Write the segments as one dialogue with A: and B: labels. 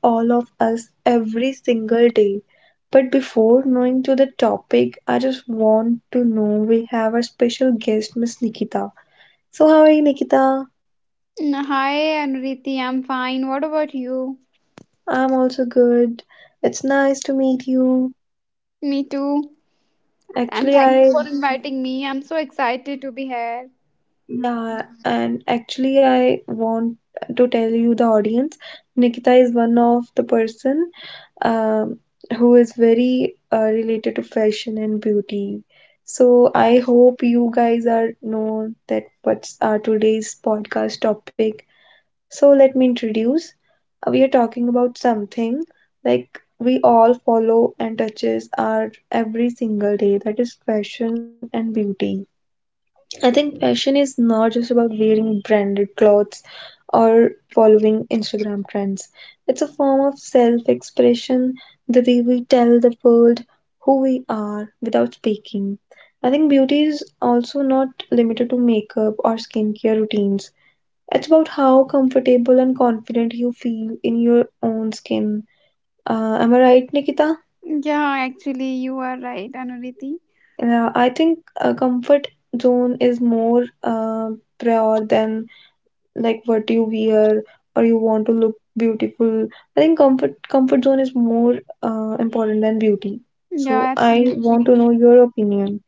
A: Touches all of us every single day. But before knowing to the topic, I just want to know we have our special guest, Miss Nikita. So how are you, Nikita?
B: Hi, Anuriti. I'm fine. What about you?
A: I'm also good. It's nice to meet you.
B: Me too. And
A: Actually,
B: thank you for
A: I
B: inviting me. I'm so excited to be here.
A: actually, I want to tell you the audience, Nikita is one of the person um, who is very related to fashion and beauty. So I hope you guys are know that what's our today's podcast topic. So let me introduce. We are talking about something like we all follow and touches our every single day, that is fashion and beauty. I think fashion is not just about wearing branded clothes or following Instagram trends. It's a form of self expression, the way we tell the world who we are without speaking. I think beauty is also not limited to makeup or skincare routines. It's about how comfortable and confident you feel in your own skin. Am I right, Nikita?
B: Yeah, actually, you are right, Anuriti.
A: Yeah, I think a comfort zone is more prior than like what you wear or you want to look beautiful. I think comfort zone is more important than beauty.
B: Yeah,
A: So I
B: absolutely.
A: want to know your opinion.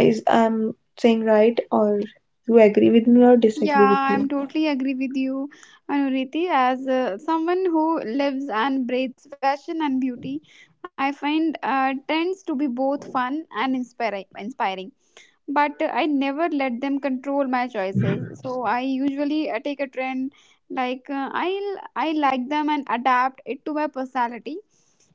A: Is I'm saying right or you agree with me or
B: Yeah,
A: disagree with
B: I'm
A: me?
B: totally agree with you, Anuriti. As someone who lives and breathes fashion and beauty, I find trends to be both fun and inspiring, but I never let them control my choices. So I usually take a trend like I like them and adapt it to my personality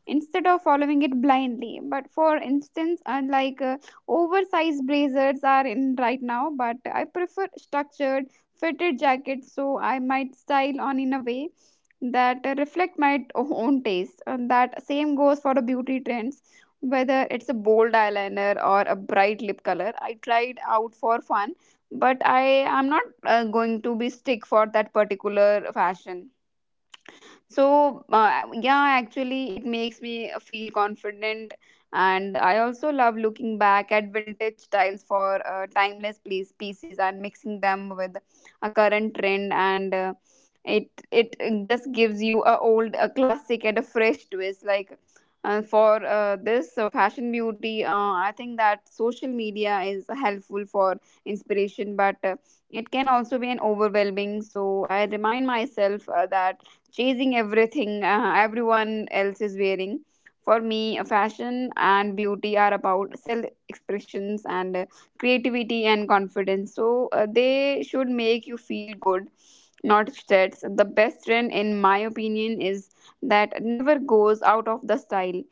B: instead of following it blindly. But for instance, unlike oversized blazers are in right now, but I prefer structured, fitted jackets, so I might style on in a way that reflect my own taste. And that same goes for the beauty trends. Whether it's a bold eyeliner or a bright lip color, I tried out for fun, but I am not going to be stick for that particular fashion. So, yeah, actually, it makes me feel confident. And I also love looking back at vintage styles for timeless pieces and mixing them with a current trend. And it, it just gives you a old, a classic, and a fresh twist. Like for this fashion beauty, I think that social media is helpful for inspiration, but it can also be an overwhelming. So I remind myself that chasing everything everyone else is wearing. For me, fashion and beauty are about self expressions and creativity and confidence. So they should make you feel good, not stressed. The best trend, in my opinion, is that never goes out of the style,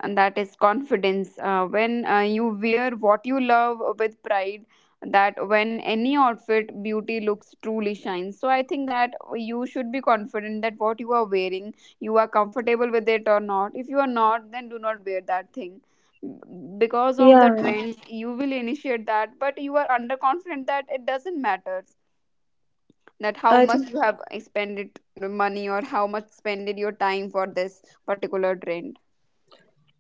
B: and that is confidence when you wear what you love with pride, that when any outfit beauty looks truly shines. So I think that you should be confident that what you are wearing you are comfortable with it or not. If you are not, then do not wear that thing because of the
A: Yeah,
B: trends. You will initiate that, but you are underconfident, that it doesn't matter that how
A: I think
B: much you have expended money or how much spended your time for this particular trend.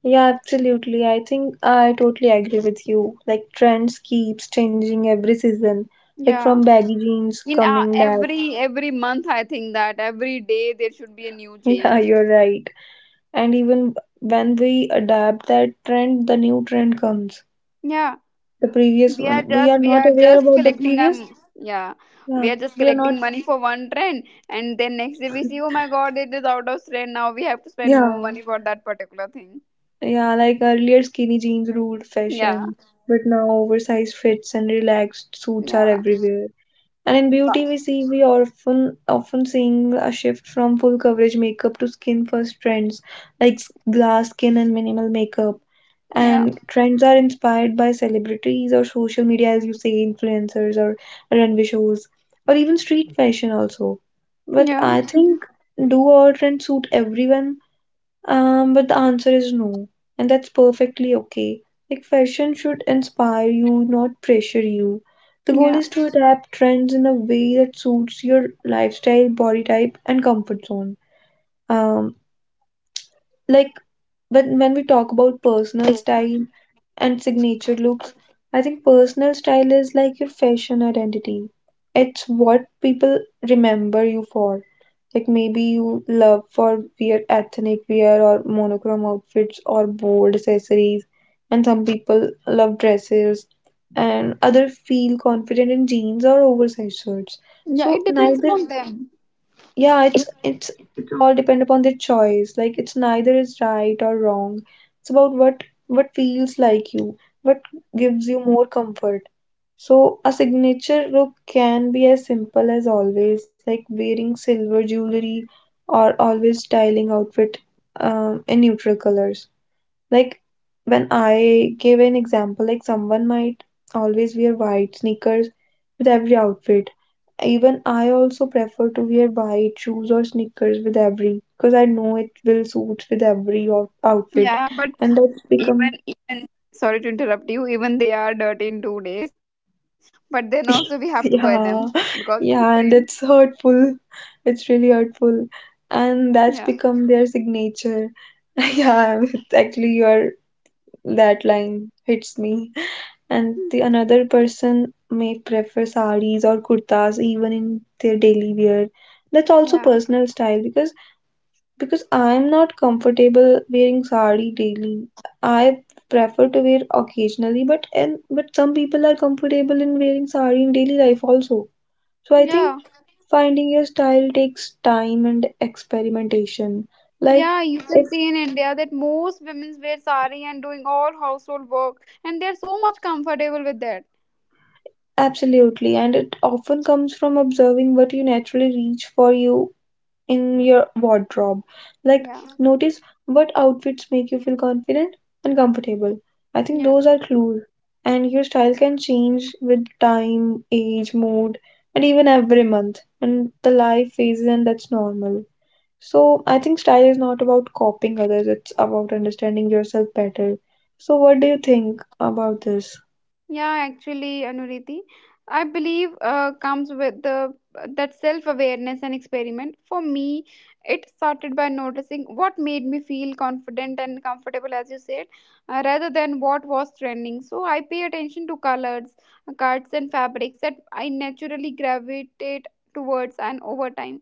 A: yeah, absolutely. I think I totally agree with you. Like trends keeps changing every season. Like
B: Yeah,
A: from baggy jeans
B: in uh,
A: coming back.
B: every every month I think that every day there should be a new
A: Yeah,
B: change.
A: you're right. And even when we adapt that trend, the new trend comes.
B: Yeah,
A: The previous
B: we are
A: one. We
B: just
A: are
B: we
A: not
B: are
A: aware
B: just
A: about the
B: collecting
A: previous.
B: yeah, we
A: Yeah.
B: are just
A: We are not.
B: collecting money for one trend, and then next day we see, oh my god, it is out of trend, now we have to spend more
A: Yeah.
B: money for that particular thing.
A: Yeah. Like earlier, skinny jeans ruled
B: Yeah.
A: fashion, but now oversized fits and relaxed suits are
B: Yeah.
A: everywhere. And in beauty,
B: Ba-
A: we see we often seeing a shift from full coverage makeup to skin first trends like glass skin and minimal makeup.
B: yeah.
A: And trends are inspired by celebrities or social media, as you say, influencers or runway shows, or even street fashion also. But
B: Yeah,
A: I think, do all trends suit everyone? But the answer is no, and that's perfectly okay. Like, fashion should inspire you, not pressure you. The goal
B: yeah,
A: is to adapt trends in a way that suits your lifestyle, body type, and comfort zone. Um, like, when we talk about personal style and signature looks, I think personal style is like your fashion identity. It's what people remember you for. Like maybe you love for weird ethnic wear or monochrome outfits or bold accessories, and some people love dresses, and other feel confident in jeans or oversized shirts.
B: yeah,
A: So
B: it depends
A: neither,
B: upon them.
A: yeah, it's it all depend upon their choice, like it's neither is right or wrong. It's about what feels like you, what gives you more comfort. So a signature look can be as simple as always like wearing silver jewelry or always styling outfit in neutral colors. Like when I give an example, like someone might always wear white sneakers with every outfit. Even I also prefer to wear white shoes or sneakers with every, because I know it will suit with every outfit,
B: Yeah, but
A: and that's
B: even
A: become
B: even sorry to interrupt you, even they are dirty in 2 days, but then also we have to buy them because
A: yeah,
B: it's a trend.
A: yeah, and it's hurtful. It's really hurtful, and
B: Yeah.
A: that's become their signature. Yeah, it's actually, your that line hits me. And the another person may prefer saris or kurtas even in their daily wear. That's also
B: Yeah.
A: personal style because I'm not comfortable wearing sari daily. I prefer to wear occasionally, but and but some people are comfortable in wearing sari in daily life also. So I
B: Yeah.
A: think finding your style takes time and experimentation. Like
B: Yeah, you can
A: it's
B: see in India that most women wear sari and doing all household work, and they're so much comfortable with that.
A: Absolutely, and it often comes from observing what you naturally reach for you in your wardrobe. Like,
B: Yeah.
A: notice what outfits make you feel confident and comfortable. I think
B: Yeah.
A: those are clues. And your style can change with time, age, mood, and even every month. And the life phases, and that's normal. So, I think style is not about copying others, it's about understanding yourself better. So, what do you think about this?
B: Yeah, actually, Anuriti, I believe comes with the that self-awareness and experiment. For me, it started by noticing what made me feel confident and comfortable, as you said, rather than what was trending. So I pay attention to colors, cuts, and fabrics that I naturally gravitate towards, and over time,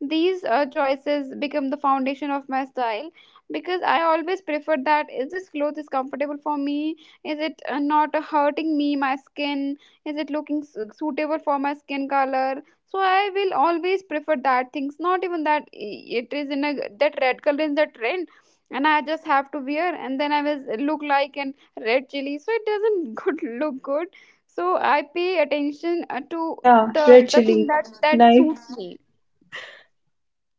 B: these choices become the foundation of my style because I always prefer that is this clothes is comfortable for me, is it not hurting me my skin, is it looking suitable for my skin color. So I will always prefer that things. Not even that it is in a that red color in the trend and I just have to wear, and then I will look like an red chili, so it doesn't good look good. So I pay attention to
A: Yeah,
B: the
A: red
B: the thing
A: chili.
B: that that
A: Nice,
B: suits me.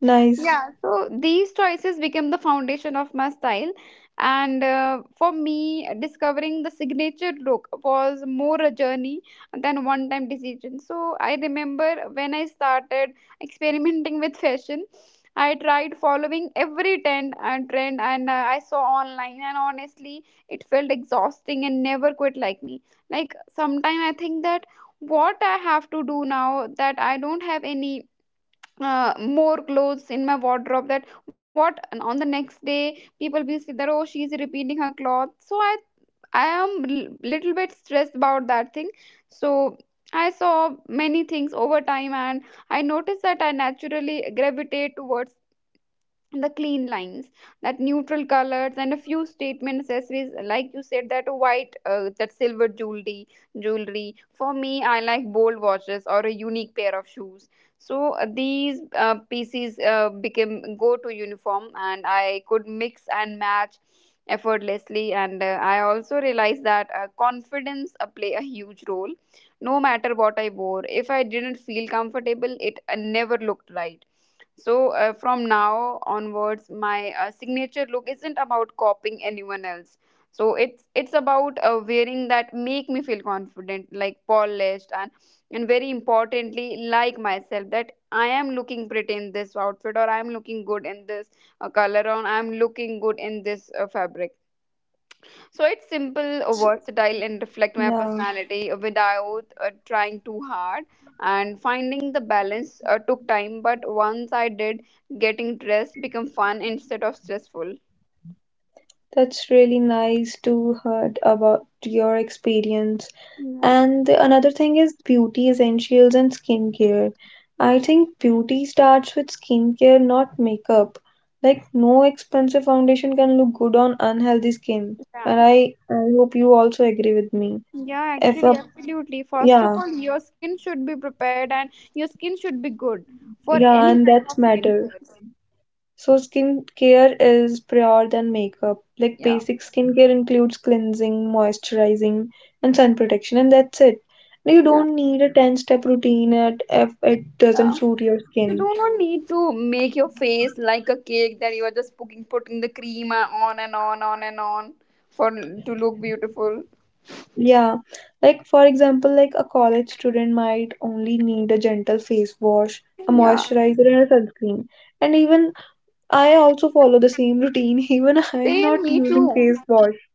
A: nice.
B: Yeah, so these choices became the foundation of my style, and for me discovering the signature look was more a journey than one time decision. So I remember when I started experimenting with fashion, I tried following every trend and I saw online, and honestly, it felt exhausting and never quite like me. Like sometimes I think that what I have to do now that I don't have any more clothes in my wardrobe, that what, and on the next day people be see that, oh she's repeating her cloth, so I am little bit stressed about that thing. So I saw many things over time, and I noticed that I naturally gravitate towards the clean lines, that neutral colors, and a few statement accessories, like you said that white that silver jewelry for me. I like bold watches or a unique pair of shoes. So these pieces became go to uniform, and I could mix and match effortlessly. And I also realized that confidence play a huge role no matter what I wore. If I didn't feel comfortable, it never looked right. So, from now onwards, my signature look isn't about copying anyone else. So it's about wearing that make me feel confident, like polished, and very importantly, like myself. That I am looking pretty in this outfit, or I am looking good in this color, or I am looking good in this fabric. So it's simple,
A: That's,
B: versatile, and reflect my
A: yeah.
B: personality without trying too hard. And finding the balance took time, but once I did, getting dressed become fun instead of stressful.
A: That's really nice to heard about your experience.
B: Yeah,
A: And another thing is beauty essentials and skincare. I
B: yeah,
A: think beauty starts with skincare, not makeup. Like no expensive foundation can look good on unhealthy skin.
B: yeah,
A: And I hope you also agree with me.
B: yeah.
A: If
B: Actually,
A: a
B: absolutely. First of
A: Yeah,
B: all, your skin should be prepared, and your skin should be good for
A: yeah,
B: any
A: and
B: kind
A: that's
B: of
A: matter.
B: skincare.
A: So skincare is prior than makeup. Like
B: Yeah,
A: basic skincare includes cleansing, moisturizing, and sun protection, and that's it. You
B: yeah,
A: don't need a 10-step routine at if it doesn't
B: yeah.
A: suit your
B: You
A: skin.
B: do not need to make your face like a cake that you are just putting the cream on and on for to look beautiful.
A: Yeah. Like for example, like a college student might only need a gentle face wash, a
B: Yeah,
A: moisturizer, and a sunscreen. And even I also follow the same routine, even I'm
B: same
A: not
B: me
A: using
B: too.
A: face wash.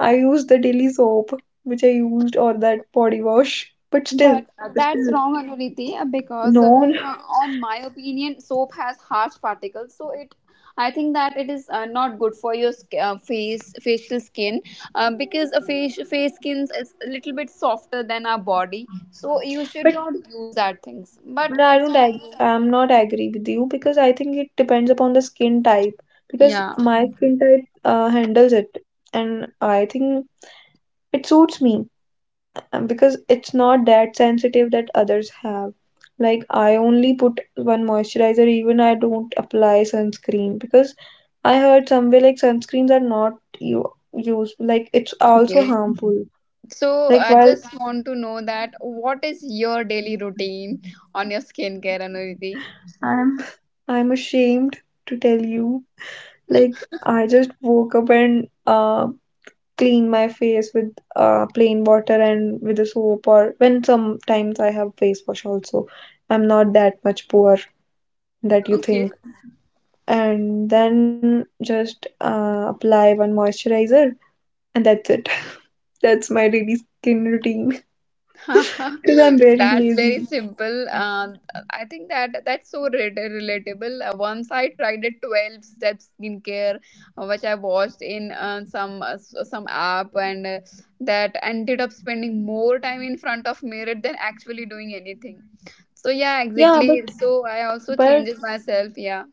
A: I use the daily soap which I used or that body wash, but still,
B: But that's wrong, Anuriti, because
A: No, no,
B: on my opinion, soap has harsh particles, so it. I think that it is not good for your face, facial skin, because a face skin is a little bit softer than our body, so you should
A: but
B: not use that things. But
A: no, I
B: it's
A: don't
B: on
A: ag
B: you.
A: I'm not agree with you because I think it depends upon the skin type, because
B: Yeah.
A: my skin type handles it and I think it suits me. Because it's not that sensitive that others have. Like, I only put one moisturizer, even I don't apply sunscreen because I heard somewhere like sunscreens are not you use, like it's also
B: Okay.
A: harmful.
B: So
A: Like,
B: I
A: while
B: just want to know that what is your daily routine on your skincare, Anuriti?
A: I'm I'm ashamed to tell you, like, I just woke up and clean my face with plain water and with a soap, or when sometimes I have face wash also. I'm not that much poor that you think.
B: Okay.
A: And then just apply one moisturizer, and that's it. That's my daily skin routine. Because I'm very
B: That's very
A: lazy.
B: simple. I think that that's so relatable. Once I tried a 12 step skincare, which I watched in some some app, and that ended up spending more time in front of mirror than actually doing anything. So yeah,
A: Yeah
B: exactly. So I also
A: but
B: changes myself. Yeah.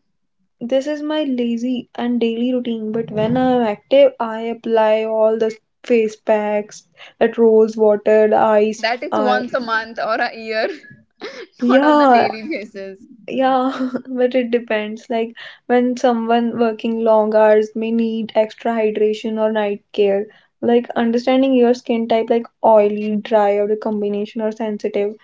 A: This is my lazy and daily routine, but when I'm active I apply all the face packs, that rose water, the ice
B: That is
A: I
B: once a month or a year, not on the
A: yeah.
B: daily basis.
A: Yeah, but it depends. Like when someone working long hours may need extra hydration or night care. Like understanding your skin type, like oily, dry, or a combination or sensitive,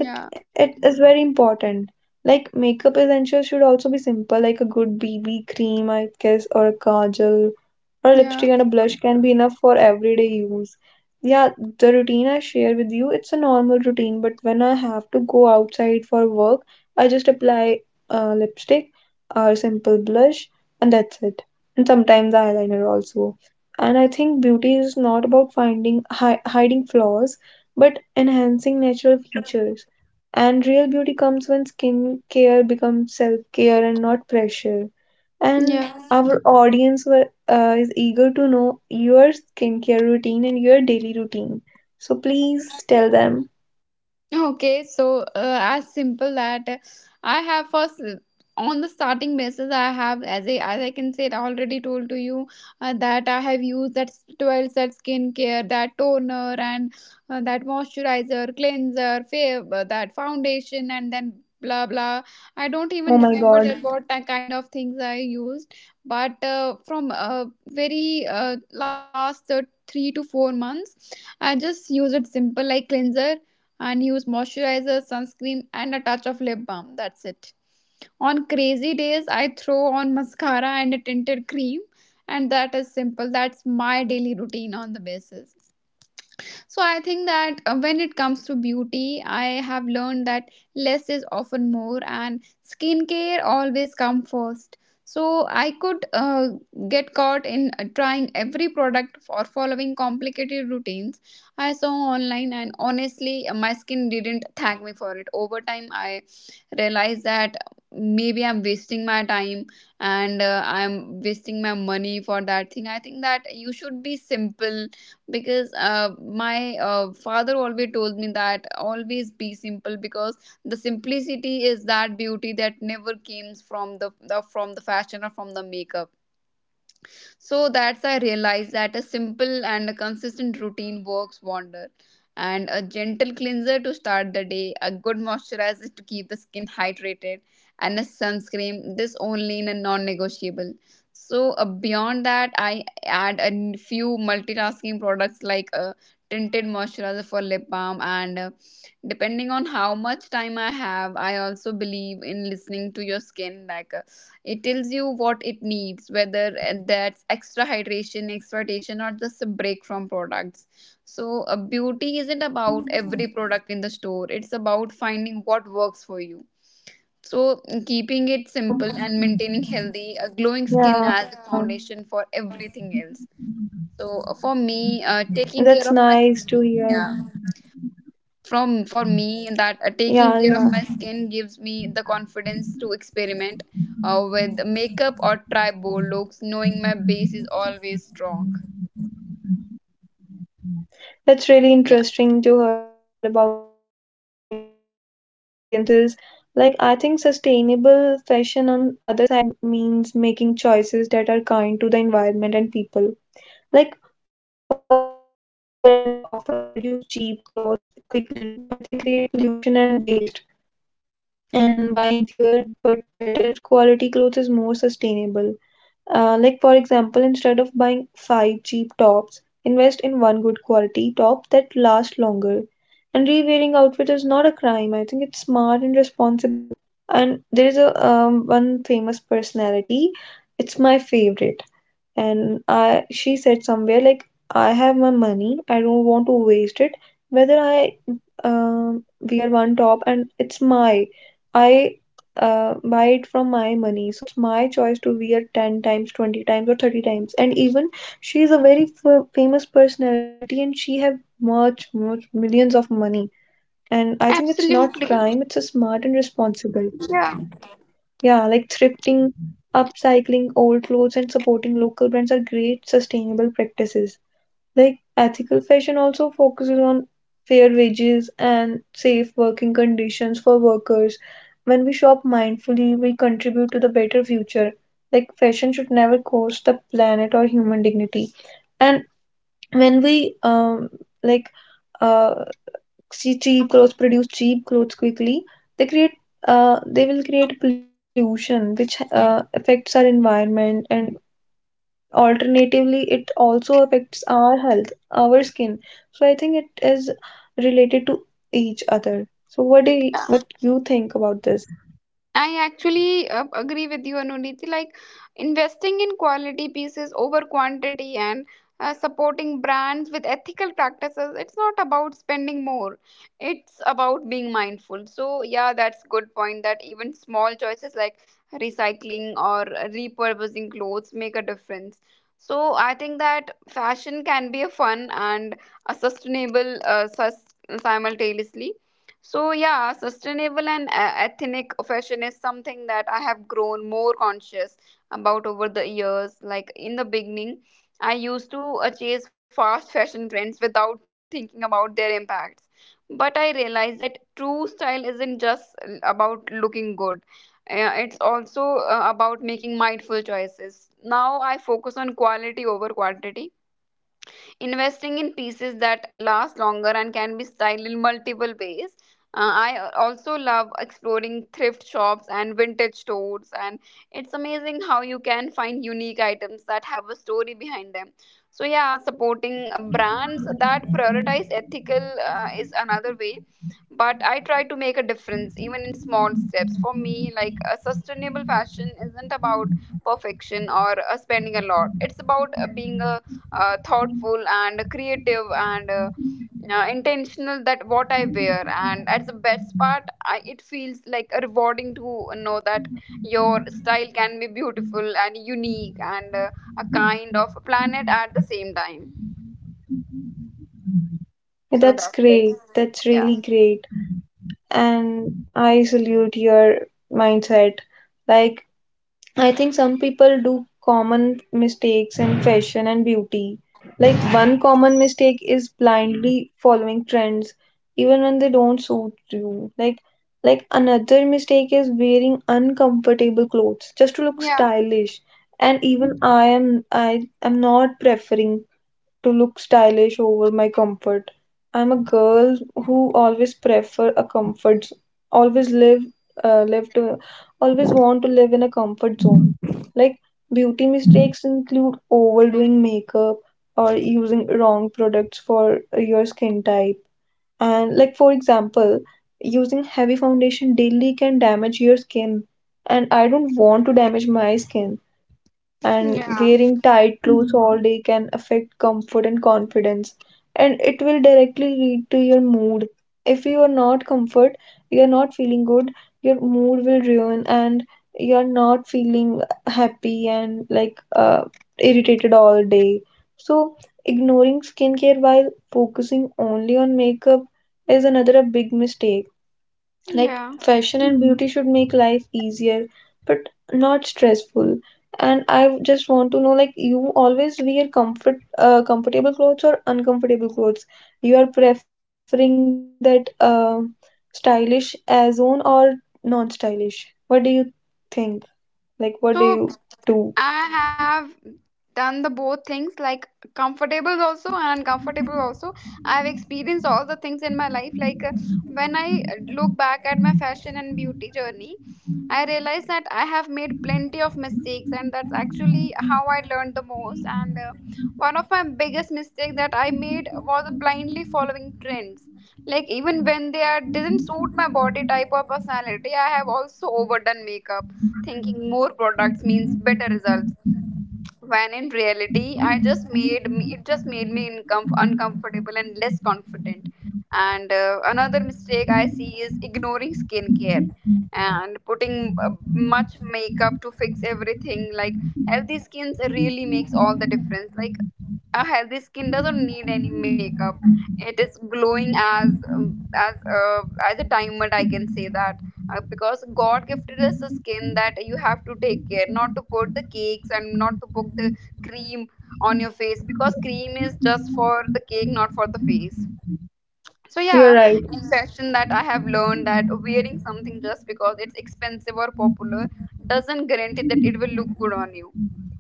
A: it, it is very important. Like makeup essentials should also be simple, like a good BB cream, I guess, or a kajal, or a
B: yeah,
A: lipstick and a blush can be enough for everyday use. Yeah, the routine I share with you, it's a normal routine, but when I have to go outside for work, I just apply lipstick or simple blush, and that's it. And sometimes eyeliner also. And I think beauty is not about finding hiding flaws, but enhancing natural features. And real beauty comes when skin care becomes self care and not pressure. And
B: yeah.
A: our audience were is eager to know your skincare routine and your daily routine. So please tell them.
B: Okay, so as simple that I have first on the starting basis I have, as I can say it already told to you, that I have used that 12 set skincare, that toner and that moisturizer, cleanser, that foundation, and then blah blah, I don't even
A: Oh
B: remember
A: my
B: that what
A: god.
B: that kind of things I used. But from very last 3 to 4 months I just used it simple, like cleanser and use moisturizer, sunscreen, and a touch of lip balm. That's it. On crazy days, I throw on mascara and a tinted cream, and that is simple. That's my daily routine on the basis. So I think that when it comes to beauty, I have learned that less is often more, and skincare always come first. So I could get caught in trying every product or following complicated routines I saw online, and honestly, my skin didn't thank me for it. Over time, I realize that maybe I'm wasting my time and I'm wasting my money for that thing. I think that you should be simple because my father always told me that always be simple, because the simplicity is that beauty that never comes from the from the fashion or from the makeup. So that's I realized that a simple and a consistent routine works wonder, and a gentle cleanser to start the day, a good moisturizer to keep the skin hydrated, and a sunscreen, this only in a non-negotiable. So beyond that I add a few multitasking products like a tinted moisturizer for lip balm, and depending on how much time I have. I also believe in listening to your skin, like it tells you what it needs, whether that's extra hydration, exhortation, or just a break from products. So, beauty isn't about every product in the store, it's about finding what works for you. So, keeping it simple and maintaining healthy, a glowing skin
A: Oh,
B: as the foundation for
A: yeah,
B: everything else. So, for me, taking care of my
A: that's
B: skin,
A: nice
B: yeah
A: to hear.
B: from for me that taking care of my skin
A: Yeah,
B: gives me
A: yeah.
B: the confidence to experiment with makeup or try bold looks knowing my base is always strong. Yeah,
A: That's really interesting to hear about you, your experiences. Like, I think sustainable fashion on other side means making choices that are kind to the environment and people. Like, fast fashion brands often produce cheap clothes quickly, but they create pollution and waste. And buying fewer but better quality clothes is more sustainable. Like, for example, instead of buying five cheap tops, invest in one good quality top that lasts longer. And re-wearing outfit is not a crime. I think it's smart and responsible. And there is a one famous personality. It's my favorite, and I she said somewhere like I have my money, I don't want to waste it, whether I wear one top and it's my I buy it from my money, so it's my choice to wear 10 times 20 times or 30 times. And even she is a very famous personality and she have much millions of money, and I think it's not
B: absolutely.
A: crime, it's a smart and responsible.
B: Yeah.
A: Yeah, like thrifting, upcycling old clothes, and supporting local brands are great sustainable practices. Like ethical fashion also focuses on fair wages and safe working conditions for workers. When we shop mindfully, we contribute to the better future. Like fashion should never cost the planet or human dignity. And when we like uh see cheap clothes produce cheap clothes quickly, they create they will create pollution, which affects our environment, and alternatively it also affects our health, our skin. So I think it is related to each other. So what do you, what you think about this?
B: I actually agree with you, Anuniti. Like investing in quality pieces over quantity and supporting brands with ethical practices. It's not about spending more. It's about being mindful. So yeah, that's good point. That even small choices like recycling or repurposing clothes make a difference. So I think that fashion can be a fun and a sustainable simultaneously. So, yeah, sustainable and ethnic fashion is something that I have grown more conscious about over the years. Like in the beginning, I used to chase fast fashion trends without thinking about their impacts. But I realized that true style isn't just about looking good. It's also about making mindful choices. Now I focus on quality over quantity, investing in pieces that last longer and can be styled in multiple ways. I also love exploring thrift shops and vintage stores, and it's amazing how you can find unique items that have a story behind them. So, yeah, supporting brands that prioritize ethical is another way, but I try to make a difference even in small steps. For me, like, a sustainable fashion isn't about perfection or spending a lot. It's about being a thoughtful and creative and intentional that what I wear, and at the best part I, it feels like rewarding to know that your style can be beautiful and unique and a kind of planet at the same time.
A: Yeah,
B: So
A: that's
B: that's it.
A: great, that's
B: Yeah,
A: really great, and I salute your mindset. Like I think some people do common mistakes in fashion and beauty. Like
B: yeah,
A: one common mistake is blindly following trends even when they don't suit you. Another mistake is wearing uncomfortable clothes just to look
B: yeah,
A: stylish. And even I am not preferring to look stylish over my comfort. I'm a girl who always prefer a comfort, always live, uh, live to, always want to live in a comfort zone. Like beauty mistakes include overdoing makeup or using wrong products for your skin type. And like for example, using heavy foundation daily can damage your skin, and I don't want to damage my skin, and
B: yeah,
A: wearing tight clothes all day can affect comfort and confidence, and it will directly lead to your mood. If you are not comfort, you are not feeling good, your mood will ruin, and you are not feeling happy and like irritated all day. So ignoring skincare while focusing only on makeup is another a big mistake. Like,
B: yeah.
A: fashion and beauty should make life easier, but not stressful. And I just want to know, like, you always wear comfort, comfortable clothes or uncomfortable clothes? You are preferring that stylish as on or non-stylish? What do you think? Like, what do you
B: So
A: do?
B: I have done the both things, like comfortable also and uncomfortable also. I've experienced all the things in my life. Like when I look back at my fashion and beauty journey, I realize that I have made plenty of mistakes, and that's actually how I learned the most. And one of my biggest mistakes that I made was blindly following trends. Like even when they are, didn't suit my body type or personality, I have also overdone makeup thinking more products means better results, when in reality I just made me it just made me uncomfortable and less confident. And another mistake I see is ignoring skincare and putting much makeup to fix everything. Like healthy skins really makes all the difference. Like a healthy skin doesn't need any makeup. It is glowing as, um, as uh, as a diamond I can say that. Because god gifted us a skin that you have to take care, not to put the cakes and not to put the cream on your face, because cream is just for the cake, not for the face. So
A: You're
B: yeah,
A: right.
B: in. Yeah. Fashion that I have learned that wearing something just because it's expensive or popular doesn't guarantee that it will look good on you.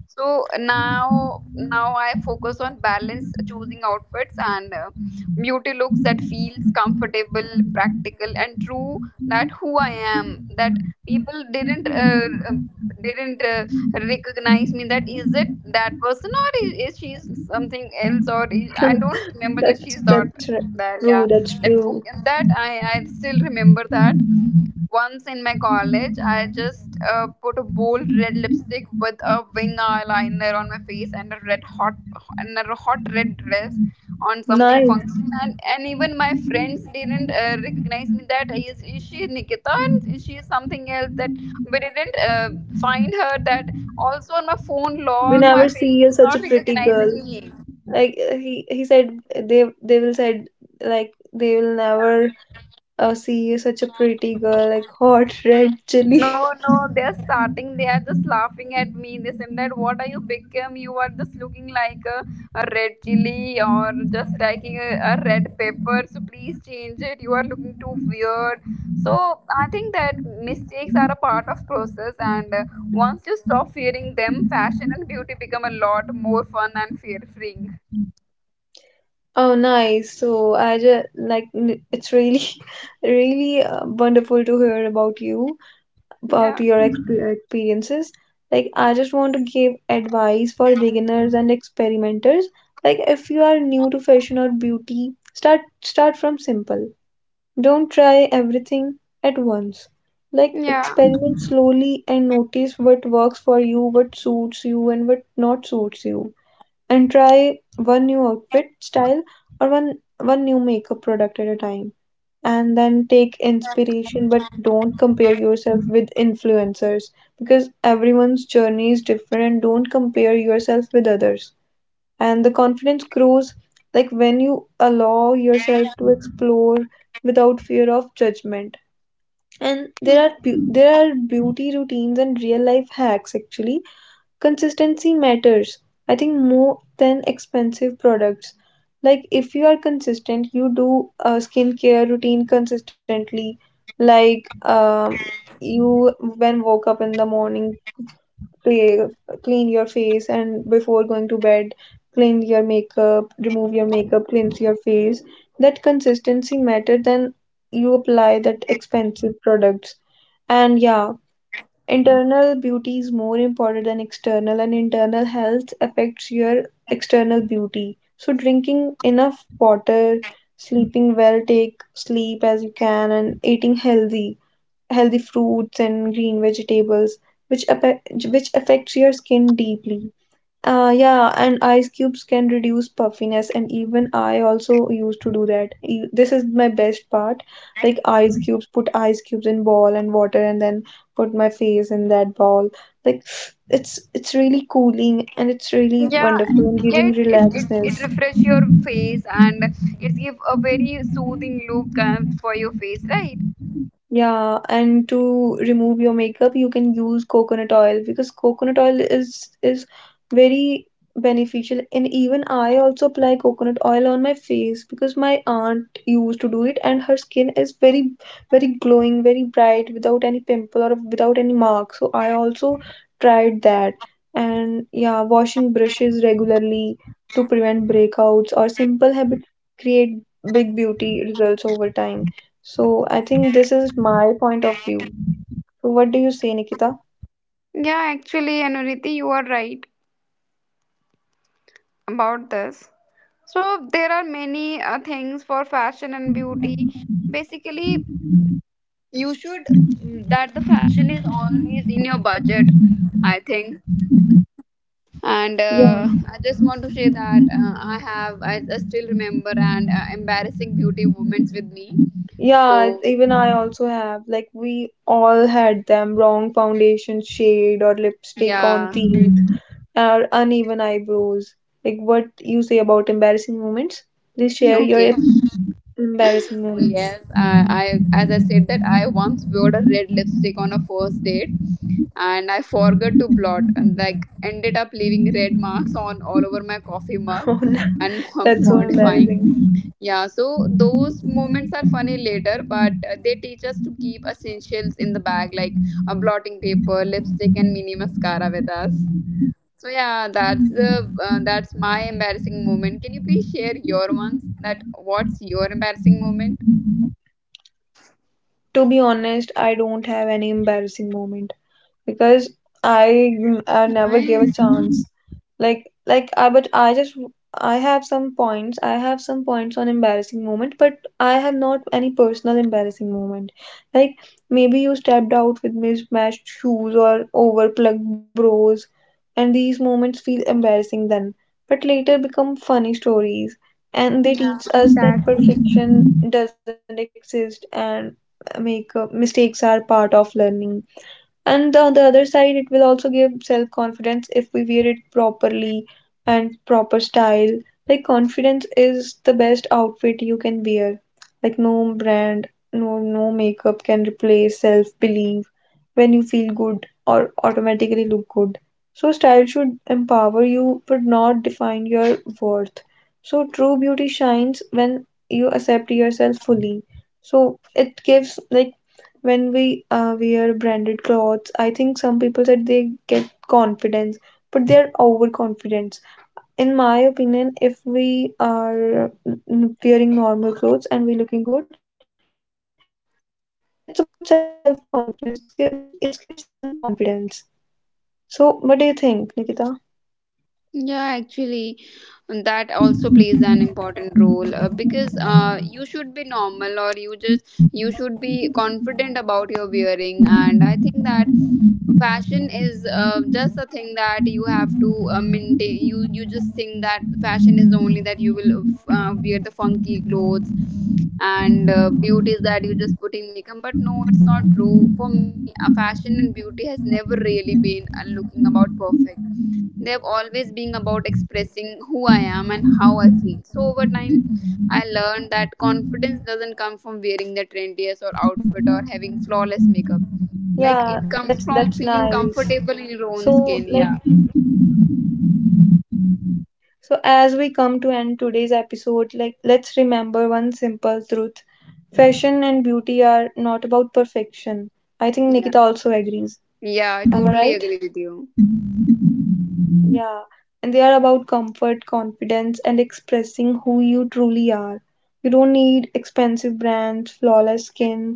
B: So now, now I focus on balance, choosing outfits and beauty looks that feels comfortable, practical, and true. That who I am, that people didn't didn't uh, recognize me. That is it that person, or is she something else, or is, I don't remember, that
A: That's
B: she's
A: that's
B: not
A: right.
B: that. Yeah,
A: True. That's
B: that
A: true.
B: that I still remember that once in my college I just put a bold red lipstick with a wing eyeliner on my face and a hot red dress on something
A: Nice.
B: function, and even my friends didn't recognize me, that is she Nikita and is she something else, that we didn't find her. That also on my phone
A: We
B: log my
A: never see
B: face
A: you
B: is
A: such
B: not
A: a pretty girl.
B: recognizing me.
A: Like he said, they will said, like they will never see such a pretty girl like hot red chili.
B: No, no, they're starting. They are just laughing at me. They said that, what are you become? You are just looking like a red chili or just like a red pepper. So please change it. You are looking too weird. So I think that mistakes are a part of process, and once you stop fearing them, fashion and beauty become a lot more fun and fear free.
A: Oh nice, so I just like it's really really wonderful to hear about you, about
B: Yeah,
A: your experiences. Like I just want to give advice for beginners and experimenters. Like if you are new to fashion or beauty, start from simple. Don't try everything at once. Like
B: yeah.
A: experiment slowly and notice what works for you, what suits you and what not suits you. And try one new outfit style or one new makeup product at a time. And then take inspiration, but don't compare yourself with influencers, because everyone's journey is different, and don't compare yourself with others. And the confidence grows like when you allow yourself to explore without fear of judgment. And there are there are beauty routines and real life hacks. Actually, consistency matters, I think, more than expensive products. Like if you are consistent, you do a skincare routine consistently, like um you, when woke up in the morning, clean, clean your face, and before going to bed, clean your makeup, remove your makeup, cleanse your face. That consistency matter than you apply that expensive products. And yeah, internal beauty is more important than external, and internal health affects your external beauty. So drinking enough water, sleeping well, take sleep as you can, and eating healthy, healthy fruits and green vegetables, which, appe- which affects your skin deeply. Yeah, and ice cubes can reduce puffiness, and even I also used to do that. This is my best part. Like ice cubes, put ice cubes in ball and water, and then put my face in that ball. Like it's really cooling and it's really
B: Yeah,
A: wonderful and
B: yeah,
A: giving
B: it it, it,
A: relaxness.
B: it refresh your face and it give a very soothing look for your face, right?
A: Yeah, and to remove your makeup, you can use coconut oil, because coconut oil is very beneficial, and even I also apply coconut oil on my face, because my aunt used to do it, and her skin is very glowing, very bright without any pimple or without any mark. So I also tried that. And yeah, washing brushes regularly to prevent breakouts or simple habits create big beauty results over time. So I think this is my point of view. So what do you say, Nikita?
B: Yeah, actually, Anuriti, you are right about this. So there are many things for fashion and beauty. Basically you should, mm, that the fashion is always in your budget, I think. And
A: Yeah.
B: I just want to say that I still remember and embarrassing beauty moments with me. So
A: Yeah, it- even I also have. Like, we all had them wrong foundation shade or lipstick on
B: yeah.
A: teeth or uneven eyebrows. Like, what you say about embarrassing moments? Please share your
B: Okay.
A: embarrassing
B: Oh,
A: moments.
B: yes. I as I said that I once wore a red lipstick on a first date and I forgot to blot and like ended up leaving red marks on all over my coffee mug
A: Oh no,
B: and
A: that's so
B: modifying.
A: embarrassing.
B: Yeah, so those moments are funny later, but they teach us to keep essentials in the bag like a blotting paper, lipstick and mini mascara with us. So yeah, that's the that's my embarrassing moment. Can you please share your ones? That what's your embarrassing moment?
A: To be honest, I don't have any embarrassing moment, because I, I never gave a
B: Nice.
A: chance. Like I, but I just, I have some points. I have some points on embarrassing moment, but I have not any personal embarrassing moment. Like maybe you stepped out with mismatched shoes or overplugged bros, and these moments feel embarrassing then, but later become funny stories. And they
B: Yeah,
A: teach us that
B: exactly.
A: perfection doesn't exist, and make mistakes are part of learning. And on the other side, it will also give self confidence if we wear it properly and proper style. Like confidence is the best outfit you can wear. Like no brand, no makeup can replace self belief. When you feel good or automatically look good, so style should empower you but not define your worth. So true beauty shines when you accept yourself fully. So it gives like when we wear branded clothes, I think some people said they get confidence, but they are overconfident. In my opinion, if we are wearing normal clothes and we looking good, it's about self confidence. It gives self confidence. So what do you think, Nikita?
B: Yeah, actually, that also plays an important role because you should be normal or you just you should be confident about your wearing, and I think that fashion is just a thing that you have to maintain. You just think that fashion is only that you will wear the funky clothes and beauty is that you're just putting makeup, but no, it's not true. For me, fashion and beauty has never really been looking about perfect. They've always been about expressing who I am and how I feel. So over time, I learned that confidence doesn't come from wearing the trendiest or outfit or
A: Yeah,
B: having flawless
A: that's
B: makeup.
A: nice.
B: Like it comes from
A: So
B: feeling
A: like,
B: comfortable in your own skin. Yeah,
A: so as we come to end today's episode, like let's remember one simple truth. Fashion and beauty are not about perfection. I think Nikita also agrees.
B: yeah,
A: Am I right?
B: yeah. I totally agree with you.
A: Yeah. And they are about comfort, confidence, and expressing who you truly are. You don't need expensive brands, flawless skin,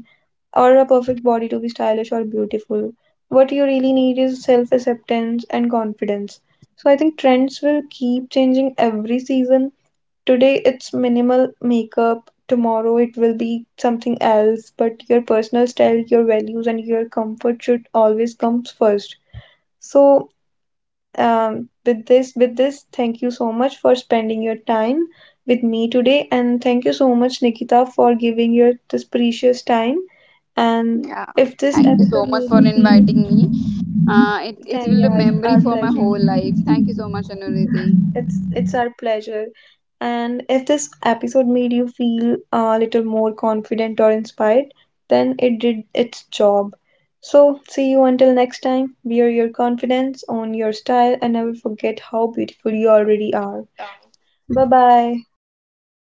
A: or a perfect body to be stylish or beautiful. What you really need is self acceptance and confidence. So I think trends will keep changing every season. Today it's minimal makeup, tomorrow it will be something else, but your personal style, your values, and your comfort should always come first. So, with this, thank you so much for spending your time with me today, and thank you so much, Nikita, for giving your this precious time. And
B: Yeah,
A: if this
B: thank you
A: episode
B: so
A: made
B: much for
A: you feel,
B: inviting me. It it
A: then
B: will be
A: yeah,
B: a
A: it's our
B: memory for my
A: pleasure.
B: whole life. Thank you so much, Anuriti.
A: It's our pleasure. And if this episode made you feel a little more confident or inspired, then it did its job. So see you until next time. Wear your confidence, own your style, and never forget how beautiful you already are. Bye bye.